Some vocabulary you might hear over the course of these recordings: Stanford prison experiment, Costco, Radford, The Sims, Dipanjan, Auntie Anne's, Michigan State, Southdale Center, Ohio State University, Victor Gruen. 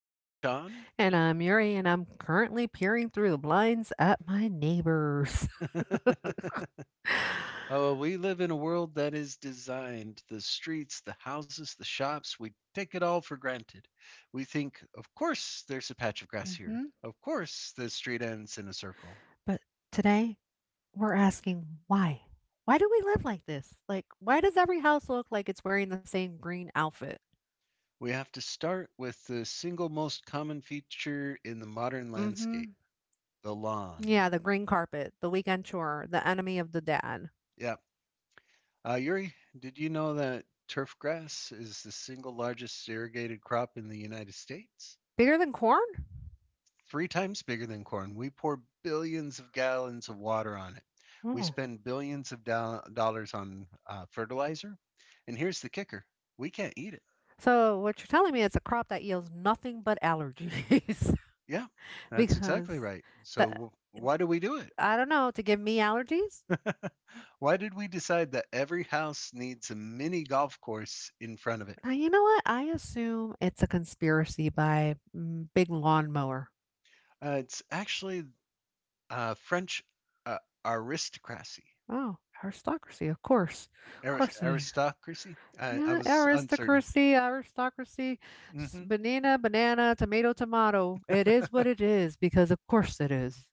I'm Sean. And I'm Yuri, and I'm currently peering through the blinds at my neighbors. Oh, we live in a world that is designed the streets, the houses, the shops. We take it all for granted. We think, of course, there's a patch of grass hmm here. Of course, the street ends in a circle. But today, we're asking why? Why do we live like this? Like, why does every house look like it's wearing the same green outfit? We have to start with the single most common feature in the modern Mm hmm. landscape: the lawn. Yeah, the green carpet, the weekend chore, the enemy of the dad. Yep. Yuri, did you know that turf grass is the single largest irrigated crop in the United States? Bigger than corn? Three times bigger than corn. We pour billions of gallons of water on it. We Oh. spend billions of dollars on fertilizer. And here's the kicker: we can't eat it. So, what you're telling me is a crop that yields nothing but allergies. Yeah, that's exactly because right. the, So, why do we do it? I don't know, to give me allergies? Why did we decide that every house needs a mini golf course in front of it? You know what? I assume it's a conspiracy by Big Lawnmower. It's actually French uh, aristocracy. Oh, aristocracy, of course. Of course it is. Aristocracy. I Yeah, was uncertain. aristocracy, aristocracy, hmm banana, banana, tomato, tomato. It is what it is because of course it is.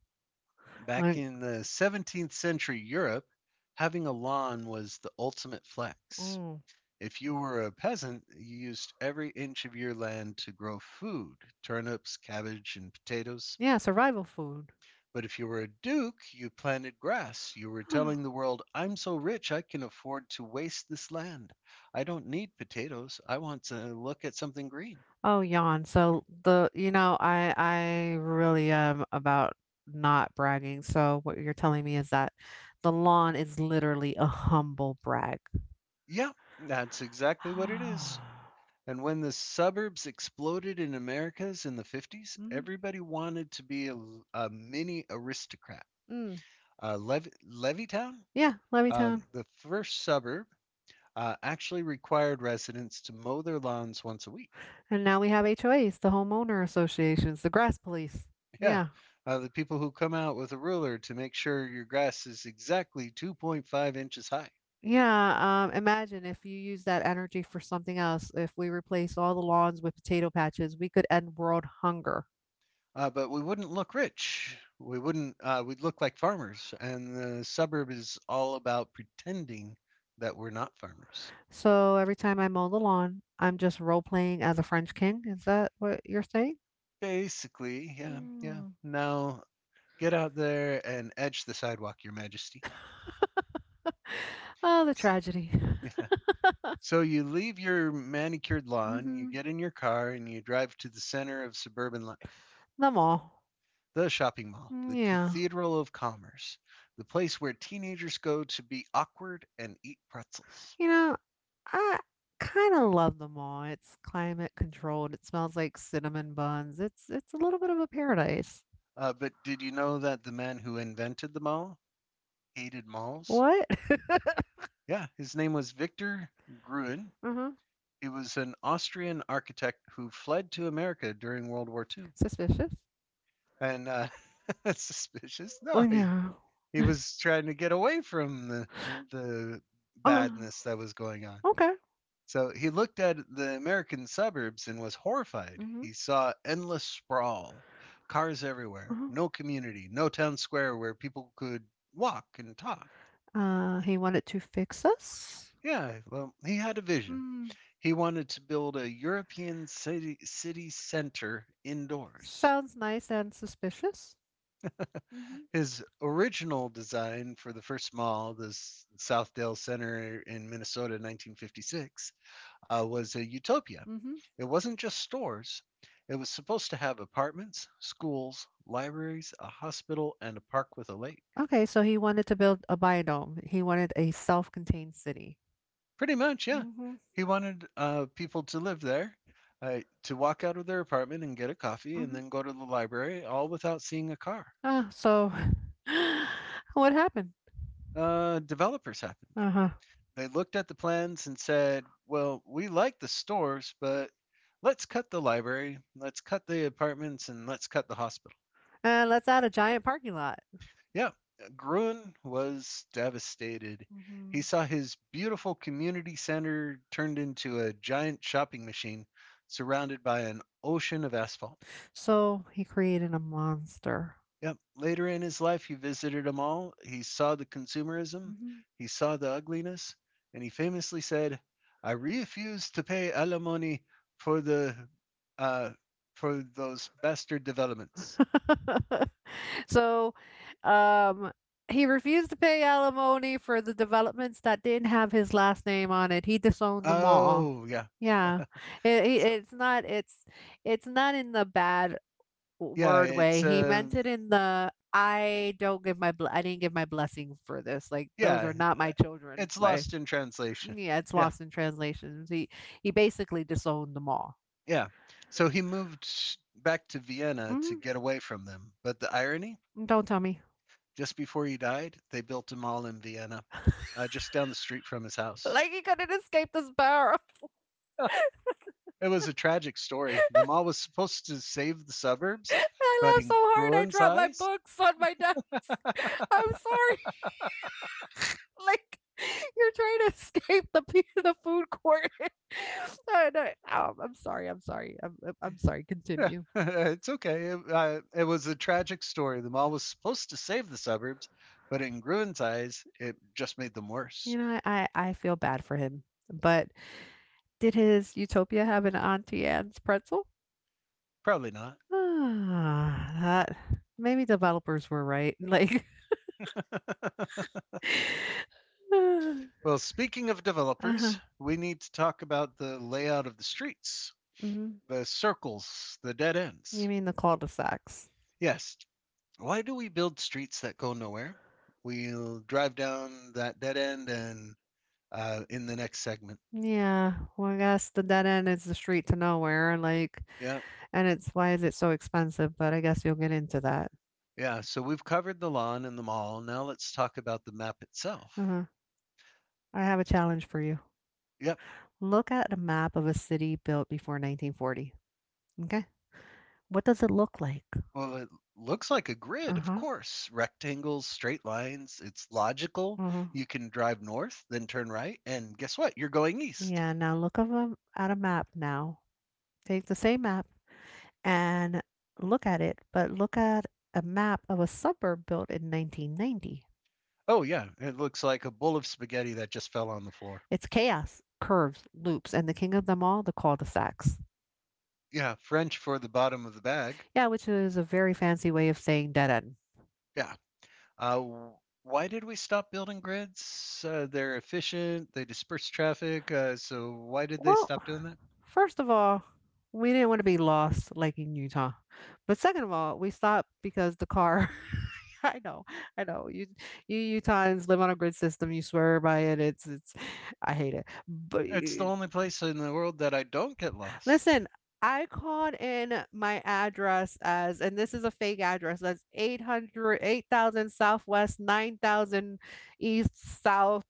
Back Like, in the 17th century Europe, having a lawn was the ultimate flex. mm, If you were a peasant, you used every inch of your land to grow food: turnips, cabbage, and potatoes. yeah, survival food. But if you were a duke, you planted grass. You were telling the world, I'm so rich I can afford to waste this land. I don't need potatoes. I want to look at something green. Oh, yawn. So I really am about not bragging. So what you're telling me is that the lawn is literally a humble brag. Yeah, that's exactly what it is. And when the suburbs exploded in Americas in the 50s, Mhm. everybody wanted to be a mini aristocrat. Mm. Uh, Lev- Levittown, Yeah, Levittown. the first suburb, actually required residents to mow their lawns once a week. And now we have HOAs, the homeowner associations, the grass police. Yeah, Yeah. The people who come out with a ruler to make sure your grass is exactly 2.5 inches high. Yeah. Imagine if you use that energy for something else. If we replace all the lawns with potato patches, we could end world hunger. But we wouldn't look rich. We wouldn't. We'd look like farmers. And the suburb is all about pretending that we're not farmers. So every time I mow the lawn, I'm just role playing as a French king. Is that what you're saying? Basically, yeah, yeah. Mm. Now get out there and edge the sidewalk, Your Majesty. Oh, the tragedy. Yeah. So you leave your manicured lawn, you hmm get in your car, and you drive to the center of suburban life: The mall. the shopping mall, Mm, the yeah. cathedral of commerce, the place where teenagers go to be awkward and eat pretzels. You know, I kind of love them all. It's climate controlled. It smells like cinnamon buns. It's a little bit of a paradise. But did you know that the man who invented the mall hated malls? What? Yeah, his name was Victor Gruen. Uh-huh. He was an Austrian architect who fled to America during World War II. Suspicious? And that's suspicious. Oh No, he, yeah. he was trying to get away from the Uh, badness that was going on. okay. So he looked at the American suburbs and was horrified. Mm-hmm. He saw endless sprawl, cars everywhere, Uh-huh. no community, no town square where people could walk and talk. He wanted to fix us? Yeah, well, he had a vision. Mm, He wanted to build a European city center indoors. sounds nice and suspicious. Mm-hmm. His original design for the first mall, the Southdale Center in Minnesota in 1956, was a utopia. Mm-hmm. It wasn't just stores, it was supposed to have apartments, schools, libraries, a hospital, and a park with a lake. Okay, so he wanted to build a biodome. He wanted a self-contained city. Pretty much, yeah. Mm-hmm. He wanted people to live there, to walk out of their apartment and get a coffee and Mm-hmm. then go to the library, all without seeing a car. So what happened? Developers happened. Uh-huh. They looked at the plans and said, well, we like the stores, but let's cut the library, let's cut the apartments, and let's cut the hospital. And let's add a giant parking lot. Yeah, Gruen was devastated. He Mhm. saw his beautiful community center turned into a giant shopping machine surrounded by an ocean of asphalt. So he created a monster. Yep. Later in his life, he visited them all. He saw the consumerism, Mhm. he saw the ugliness, and he famously said, "I refuse to pay alimony for the uh, for those bastard developments." so um he refused to pay alimony for the developments that didn't have his last name on it. He disowned them all. Oh, yeah. Yeah. It, it- So it's not it's it's not in the bad yeah, word way. He meant it in the I didn't give my blessing for this. Like those yeah, are not uh, my children it's way. lost in translation. Yeah, it's Yeah, lost in translations. He he basically disowned them all. yeah. So he moved back to Vienna to Mm-hmm. get away from them. But the irony, Don't tell me. just before he died, they built a mall in Vienna, just down the street from his house. Like he couldn't escape this barrel. It was a tragic story. The mall was supposed to save the suburbs, I but laughed so in hard I Gruen's dropped my eyes, books on my desk. I'm sorry. like you're trying to escape the food court. I know. I'm sorry. I'm sorry. Sorry. yeah, Continue. it's okay. It was a tragic story. The mall was supposed to save the suburbs, but in Gruen's eyes, it just made them You worse. know, I feel bad for him. But did his utopia have an Auntie Anne's pretzel? Probably not. Ah, that maybe developers were right, like. Well, speaking of developers, Uh-huh, we need to talk about the layout of the streets, mhm. the circles, the dead You ends. mean the cul-de-sacs. Yes, why do we build streets that go nowhere? We'll drive down that dead end and in the next segment. Yeah, well, I guess the dead end is the street to nowhere, like, Yeah. and it's why is it so expensive, but I guess you'll get into that. Yeah. So we've covered the lawn and the mall. Now let's talk about the map itself. Uh-huh. I have a challenge for you. Yep. Look at a map of a city built before 1940. Okay. What does it look like? Well, it looks like a grid, of Uh-huh, course. Rectangles, straight lines. It's logical. uh-huh. You can drive north, then turn right. And guess what? You're going east. Yeah, now look of a at a map now. Take the same map and look at it, but look at a map of a suburb built in 1990. Oh, yeah. It looks like a bowl of spaghetti that just fell on the floor. It's chaos, curves, loops, and the king of them all, the cul-de-sacs. Yeah. French for the bottom of the bag. Yeah, which is a very fancy way of saying dead end. Yeah. Uh, w- why did we stop building grids? They're efficient, they disperse traffic, so why did they Well, stop doing that? first of all, we didn't want to be lost like in Utah. But second of all, we stopped because the car. I know, I know. You Utahns live on a grid system. You swear by it. It's, it's. I hate it. But It's the only place in the world that I don't get lost. listen, I called in my address as, and this is a fake address, that's 800, 8,000 Southwest, 9,000 East South.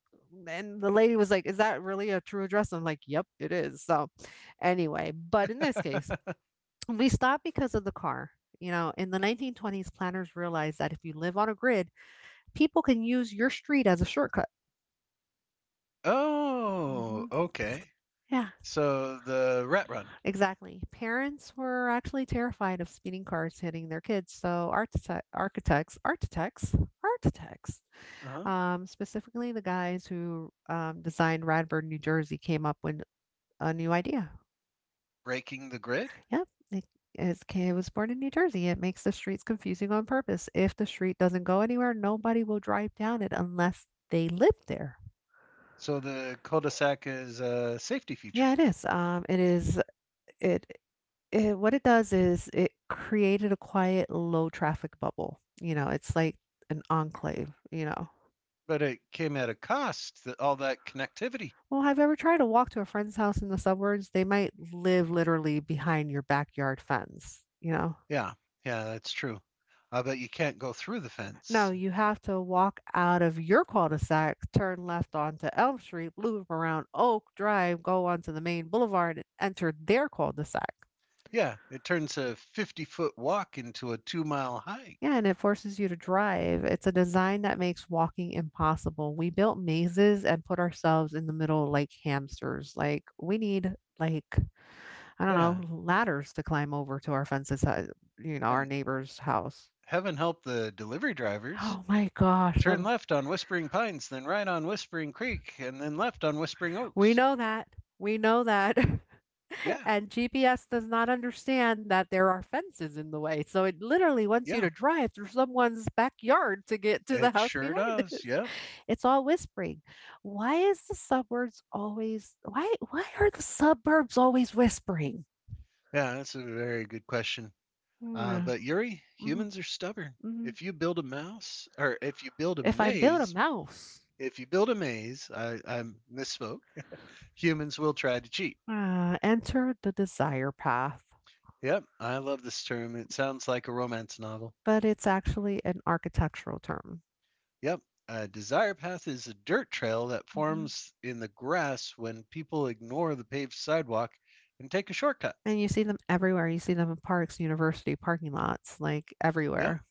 And the lady was like, is that really a true address? I'm like, yep, it is. So, anyway, but in this case, we stopped because of the car. You know, in the 1920s, planners realized that if you live on a grid, people can use your street as a shortcut. Oh, Mm-hmm. okay. Yeah. So the rat run. Exactly. Parents were actually terrified of speeding cars hitting their kids, so architects, Uh-huh. Specifically the guys who designed Radford, New Jersey, came up with a new idea. Breaking the grid. Yep. His kid was born in New Jersey. It makes the streets confusing on purpose. If the street doesn't go anywhere, nobody will drive down it unless they live there. So the cul-de-sac is a safety feature, Yeah, it is. It it what it does is it created a quiet, low traffic bubble. You know, it's like an enclave, you know. but it came at a cost, all that connectivity. Well, have you ever tried to walk to a friend's house in the suburbs? They might live literally behind your backyard fence, you know. Yeah, yeah, that's true. But you can't go through the No, fence. you have to walk out of your cul-de-sac, turn left onto Elm Street, loop around Oak Drive, go onto the main boulevard, and enter their cul-de-sac. Yeah, it turns a 50-foot walk into a 2-mile hike. Yeah, and it forces you to drive. It's a design that makes walking impossible. We built mazes and put ourselves in the middle like hamsters. Like we need like I don't Yeah, know, ladders to climb over to our fences, you know, our and neighbor's house. heaven help the delivery drivers. Oh my gosh, Turn left on Whispering Pines, then right on Whispering Creek, and then left on Whispering we Oaks. know that. We know that. Yeah, And GPS does not understand that there are fences in the way. So it literally wants you yeah, to drive through someone's backyard to get to the it house sure behind does. it. Yep. It's all whispering. Why are the suburbs always whispering? Yeah, that's a very good question. Uh, Mm, but Yuri, mhm, humans are stubborn. mhm. If you build a mouse, or if you build a If I build a maze, mouse, if you build a maze, I misspoke. Humans will try to cheat. Enter the desire path, Yep, I love this term. It sounds like a romance novel. but it's actually an architectural term. Yep. A desire path is a dirt trail that hmm forms in the grass when people ignore the paved sidewalk and take a shortcut. And you see them everywhere. You see them in parks, university parking lots, like Yeah. everywhere.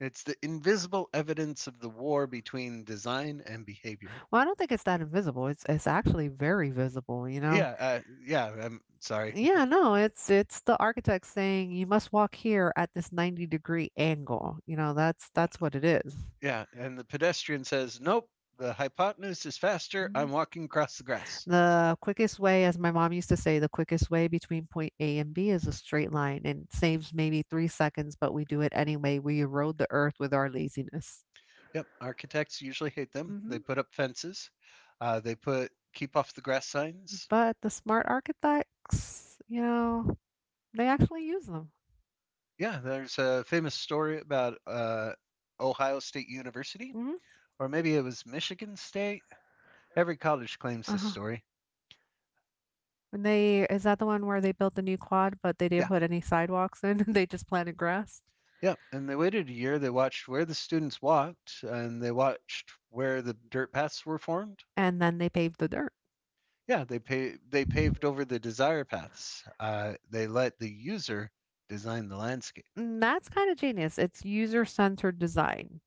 It's the invisible evidence of the war between design and behavior. Well, I don't think it's that invisible. It's actually very visible, you know. Yeah. Yeah. I'm sorry. Yeah, no, it's the architect saying you must walk here at this 90-degree angle. You know, that's Yeah. that's what it is. Yeah. And the pedestrian says, nope, the hypotenuse is faster. I'm Mhm. walking across the grass. The quickest way, as my mom used to say, the quickest way between point A and B is a straight line and it saves maybe 3 seconds, but we do it anyway. We erode the earth with our laziness. Yep. Architects usually hate them. They Mhm. put up fences, they put keep off the grass signs. But the smart architects, you know, they actually use them. Yeah, there's a famous story about Ohio State University, hmm or maybe it was Michigan State. Every college claims this Uh-huh. story. And they, is that the one where they built the new quad, but they Yeah, didn't put any sidewalks in? They just planted grass? yeah. And they waited a year. They watched where the students walked, and they watched where the dirt paths were formed. And then they paved the dirt. Yeah, they paved over the desire paths. They let the user design the landscape. And that's kind of genius. It's user-centered design.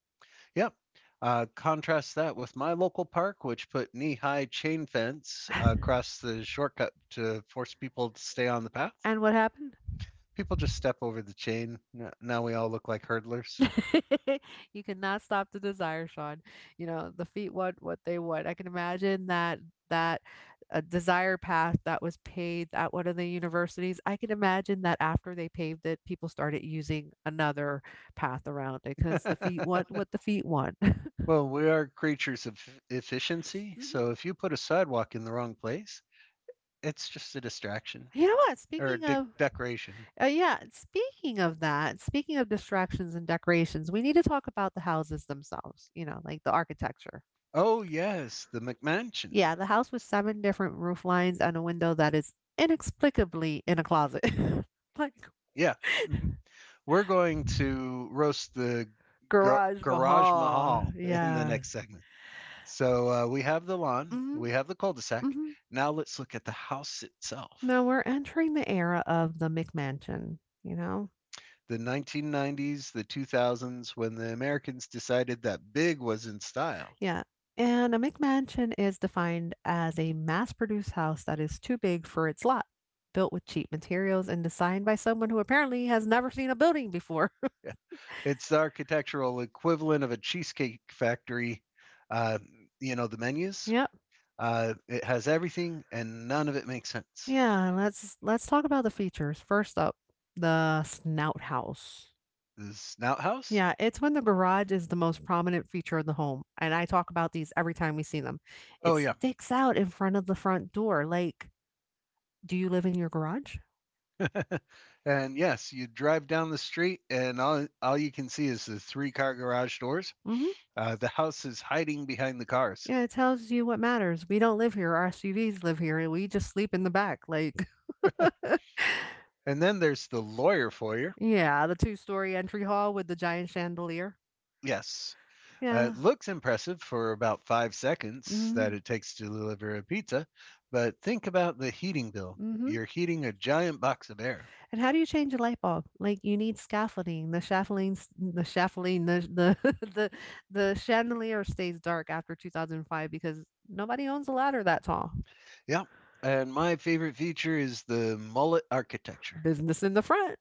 Yep. Contrast that with my local park, which put knee high chain fence across the shortcut to force people to stay on the path. And what happened? People just step over the chain. Now we all look like hurdlers. You cannot stop the desire, Sean. You know, the feet want what they want. I can imagine that a desire path that was paved at one of the universities. I can imagine that after they paved it, people started using another path around it because the feet want what the feet want. Well, we are creatures of efficiency, Mhm. so if you put a sidewalk in the wrong place, it's just a distraction You know what? or a decoration. Speaking of that, speaking of distractions and decorations, we need to talk about the houses themselves, you know, like the architecture. Oh, yes, the McMansion. Yeah, the house with seven different roof lines and a window that is inexplicably in a closet. like Yeah, mm-hmm. We're going to roast the Garage Garage Mahal. Mahal in the Yeah. next segment. So we have the lawn, hmm we have the cul de sac. hmm Now let's look at the house Now itself. we're entering the era of the McMansion, you know? The 1990s, the 2000s, when the Americans decided that big was in style. Yeah. And a McMansion is defined as a mass produced house that is too big for its lot, built with cheap materials and designed by someone who apparently has never seen a building before. Yeah. It's the architectural equivalent of a cheesecake factory. Uh, the menus, Yep. It has everything and none of it makes sense. Yeah, let's talk about the features. First up, the snout house. The Snout House? Yeah, it's when the garage is the most prominent feature of the home, and I talk about these every time we see them. Oh, It yeah. sticks out in front of the front door. Like, do you live in your garage? And yes, you drive down the street and all you can see is the three car garage doors. Mm-hmm. The house is hiding behind the cars. Yeah, it tells you what matters. We don't live here, our SUVs live here, and we just sleep in the back, like. And then there's the lawyer foyer. Yeah, the two-story entry hall with the giant chandelier. Yes, Yeah. it looks impressive for about 5 seconds that Mm, it takes to deliver a pizza, but think about the heating bill. mhm. You're heating a giant box of air. And how do you change a light bulb? Like, you need scaffolding. The scaffoldings the scaffolding, the the the chandelier stays dark after 2005 because nobody owns a ladder that tall. Yep. And my favorite feature is the mullet architecture. Business in the front.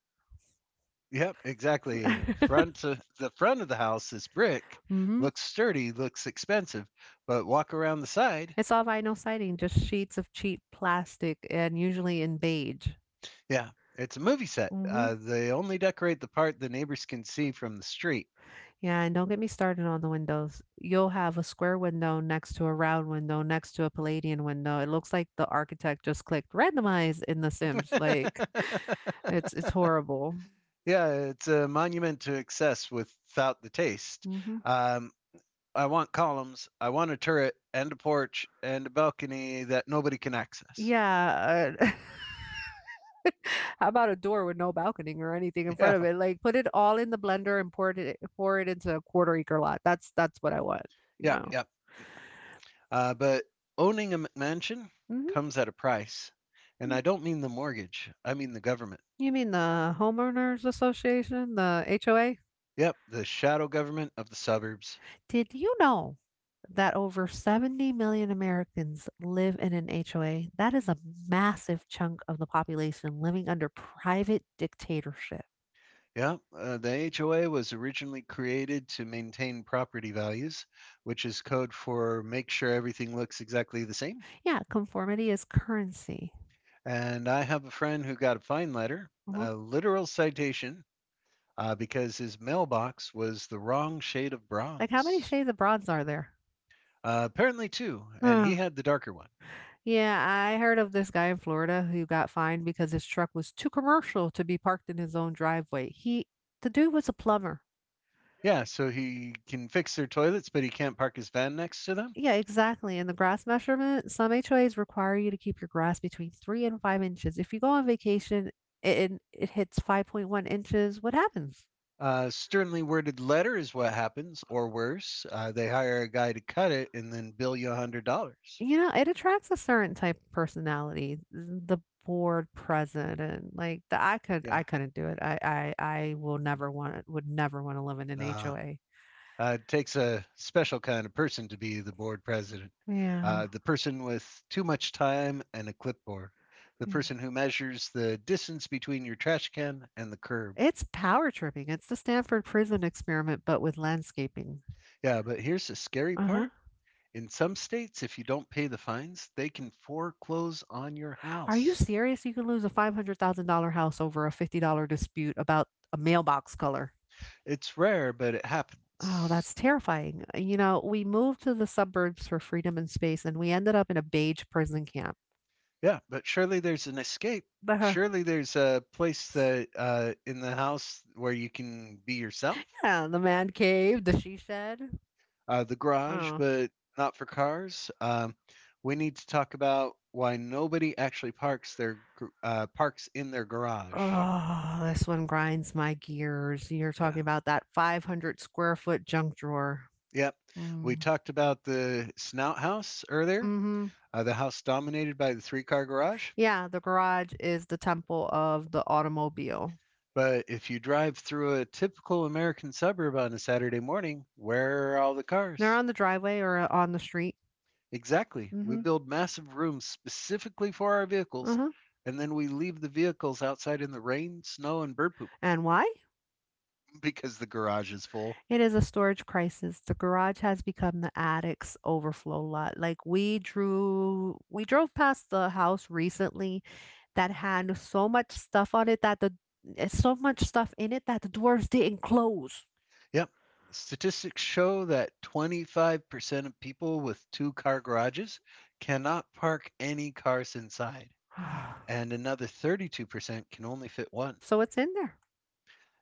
Yep, exactly. The front of the house is brick, Mhm. looks sturdy, looks expensive, but walk around the side. It's all vinyl siding, just sheets of cheap plastic and usually in beige. Yeah, it's a movie set. Mhm. They only decorate the part the neighbors can see from the street. Yeah, and don't get me started on the windows. You'll have a square window next to a round window next to a Palladian window. It looks like the architect just clicked randomize in The Sims. Like. It's horrible. Yeah, it's a monument to excess without the taste. hmm Um, I want columns, I want a turret and a porch and a balcony that nobody can access. Yeah. How about a door with no balcony or anything in Yeah, front of it? Like put it all in the blender and pour it into a quarter acre lot. That's what I want. yeah, No. yeah. But owning a McMansion hmm comes at a price. And I don't mean the mortgage, I mean the government. You mean the homeowners association, the HOA? Yep, the shadow government of the suburbs. Did you know that over 70 million Americans live in an HOA, that is a massive chunk of the population living under private dictatorship. Yeah, the HOA was originally created to maintain property values, which is code for make sure everything looks exactly the same. Yeah, conformity is currency. And I have a friend who got a fine letter, Mhm. a literal citation, because his mailbox was the wrong shade of Like, how many bronze. shades of bronze are there? Apparently, too, and he Huh. had the darker one. Yeah, I heard of this guy in Florida who got fined because his truck was too commercial to be parked in his own driveway. The dude was a plumber. Yeah, so he can fix their toilets, but he can't park his van next to them. Yeah, exactly. And the grass measurement, some HOAs require you to keep your grass between 3 and 5 inches. If you go on vacation and it hits 5.1 inches, what happens? Sternly worded letter is what happens, or worse, they hire a guy to cut it and then bill you $100. You know, it attracts a certain type of personality, the bored president. Yeah, I couldn't do it. I will never want, would never want to live in an uh, HOA. It takes a special kind of person to be the board president. Yeah, The person with too much time and a clipboard. The yeah. person who measures the distance between your trash can and the curb. It's power tripping. It's the Stanford prison experiment, but with landscaping. Yeah, but here's the scary Uh huh. part. In some states, if you don't pay the fines, they can foreclose on your Are you house. serious? You can lose a $500,000 house over a $50 dispute about a mailbox color. It's rare, but it Oh, happens. that's terrifying. You know, we moved to the suburbs for freedom and space, and we ended up in a beige prison camp. Yeah, but surely there's an escape. Uh-huh. Surely there's a place that in the house where you can be yourself. Yeah, the man cave, the she shed. The garage, Oh. but not for cars. We need to talk about why nobody actually parks parks in their garage. Oh, this one grinds my gears. You're talking Yeah. about that 500 square foot junk drawer. Yep. We Mm. talked about the snout house earlier, Hmm. The house dominated by the three car garage. Yeah, the garage is the temple of the automobile. But if you drive through a typical American suburb on a Saturday morning, where are all the They're cars? on the driveway or on the street. Exactly. We Hmm. build massive rooms specifically for our vehicles, Uh-huh. and then we leave the vehicles outside in the rain, snow, and bird poop. And why? Because the garage is full. It is a storage crisis. The garage has become the attic's overflow lot. We drove past the house recently that had so much stuff on it that the it's so much stuff in it that the doors didn't close. Yep. Statistics show that 25% of people with two car garages cannot park any cars inside, and another 32% can only fit one. So it's in there.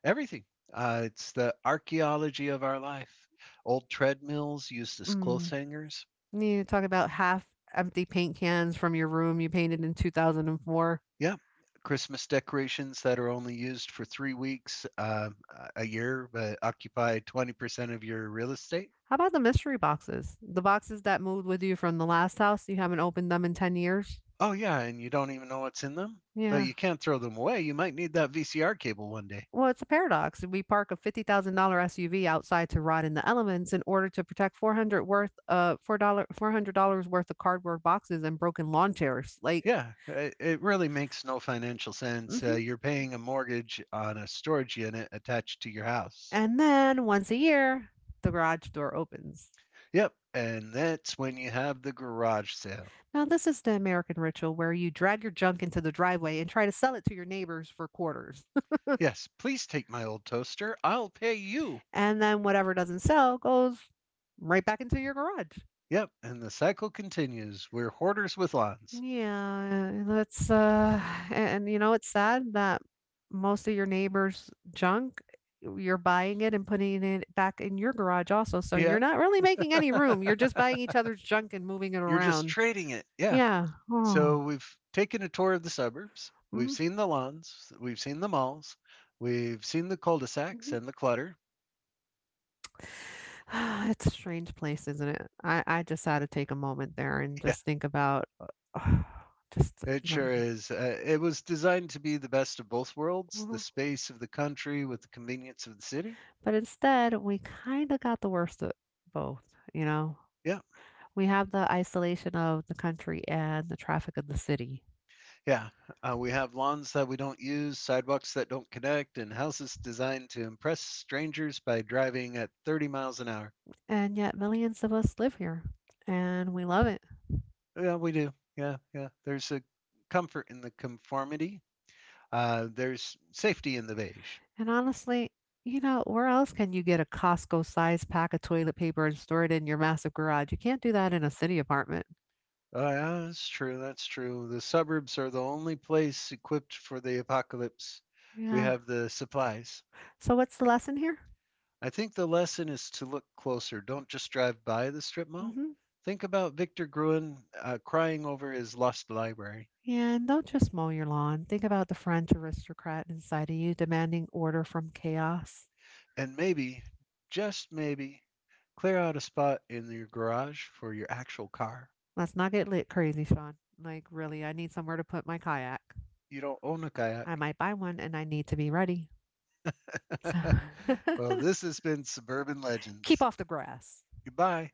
Everything. It's the archaeology of our life. Old treadmills used as Mm. clothes hangers. You talk about half empty paint cans from your room you painted in 2004. Yep. Christmas decorations that are only used for 3 weeks a year, but occupy 20% of your real estate. How about the mystery boxes? The boxes that moved with you from the last house, you haven't opened them in 10 years? Oh yeah, and you don't even know what's in them, but Yeah. you can't throw them away. You might need that VCR cable one day. Well, it's a paradox. We park a $50,000 SUV outside to rot in the elements in order to protect $400 worth of cardboard boxes and broken lawn chairs. Like, Yeah, it really makes no financial sense. Mhm. You're paying a mortgage on a storage unit attached to your house. And then once a year, the garage door opens. Yep, and that's when you have the garage sale. Now, this is the American ritual where you drag your junk into the driveway and try to sell it to your neighbors for quarters. Yes, please take my old toaster. I'll pay you. And then whatever doesn't sell goes right back into your garage. Yep, and the cycle continues. We're hoarders with lawns. Yeah, that's a- and you know it's sad that most of your neighbors' junk you're buying it and putting it back in your garage also. So you're Yep. not really making any room. You're just buying each other's junk and moving it You're just around. trading it. Yeah. Yeah. So Oh. we've taken a tour of the suburbs. We've Hmm. seen the lawns. We've seen the malls. We've seen the cul-de-sacs and the clutter. It's a strange place, isn't it? I just had to take a moment there and just think about uh, just Yeah, it the, sure is. It was designed to be the best of both worlds: the Mhm. space of the country with the convenience of the city. But instead we kind of got the worst of both, you know. Yeah, We have the isolation of the country and the traffic of the city. yeah. We have lawns that we don't use, sidewalks that don't connect, and houses designed to impress strangers by driving at 30 miles an hour. And yet, millions of us live here and we love it. Yeah, we do. Yeah, yeah. There's a comfort in the conformity. There's safety in the beige. And honestly, you know, where else can you get a Costco sized pack of toilet paper and store it in your massive garage? You can't do that in a city apartment. Oh, yeah, that's true. That's true. The suburbs are the only place equipped for the apocalypse. We Yeah. have the supplies. So, what's the lesson here? I think the lesson is to look closer. Don't just drive by the strip mall. Mm-hmm. Think about Victor Gruen crying over his lost library. And don't just mow your lawn. Think about the French aristocrat inside of you demanding order from chaos. And maybe, just maybe, clear out a spot in your garage for your actual car. Let's not get lit crazy, Sean. Like, really, I need somewhere to put my kayak. You don't own a kayak. I might buy one and I need to be ready. So Well, this has been Suburban keep Legends. off the grass. Goodbye.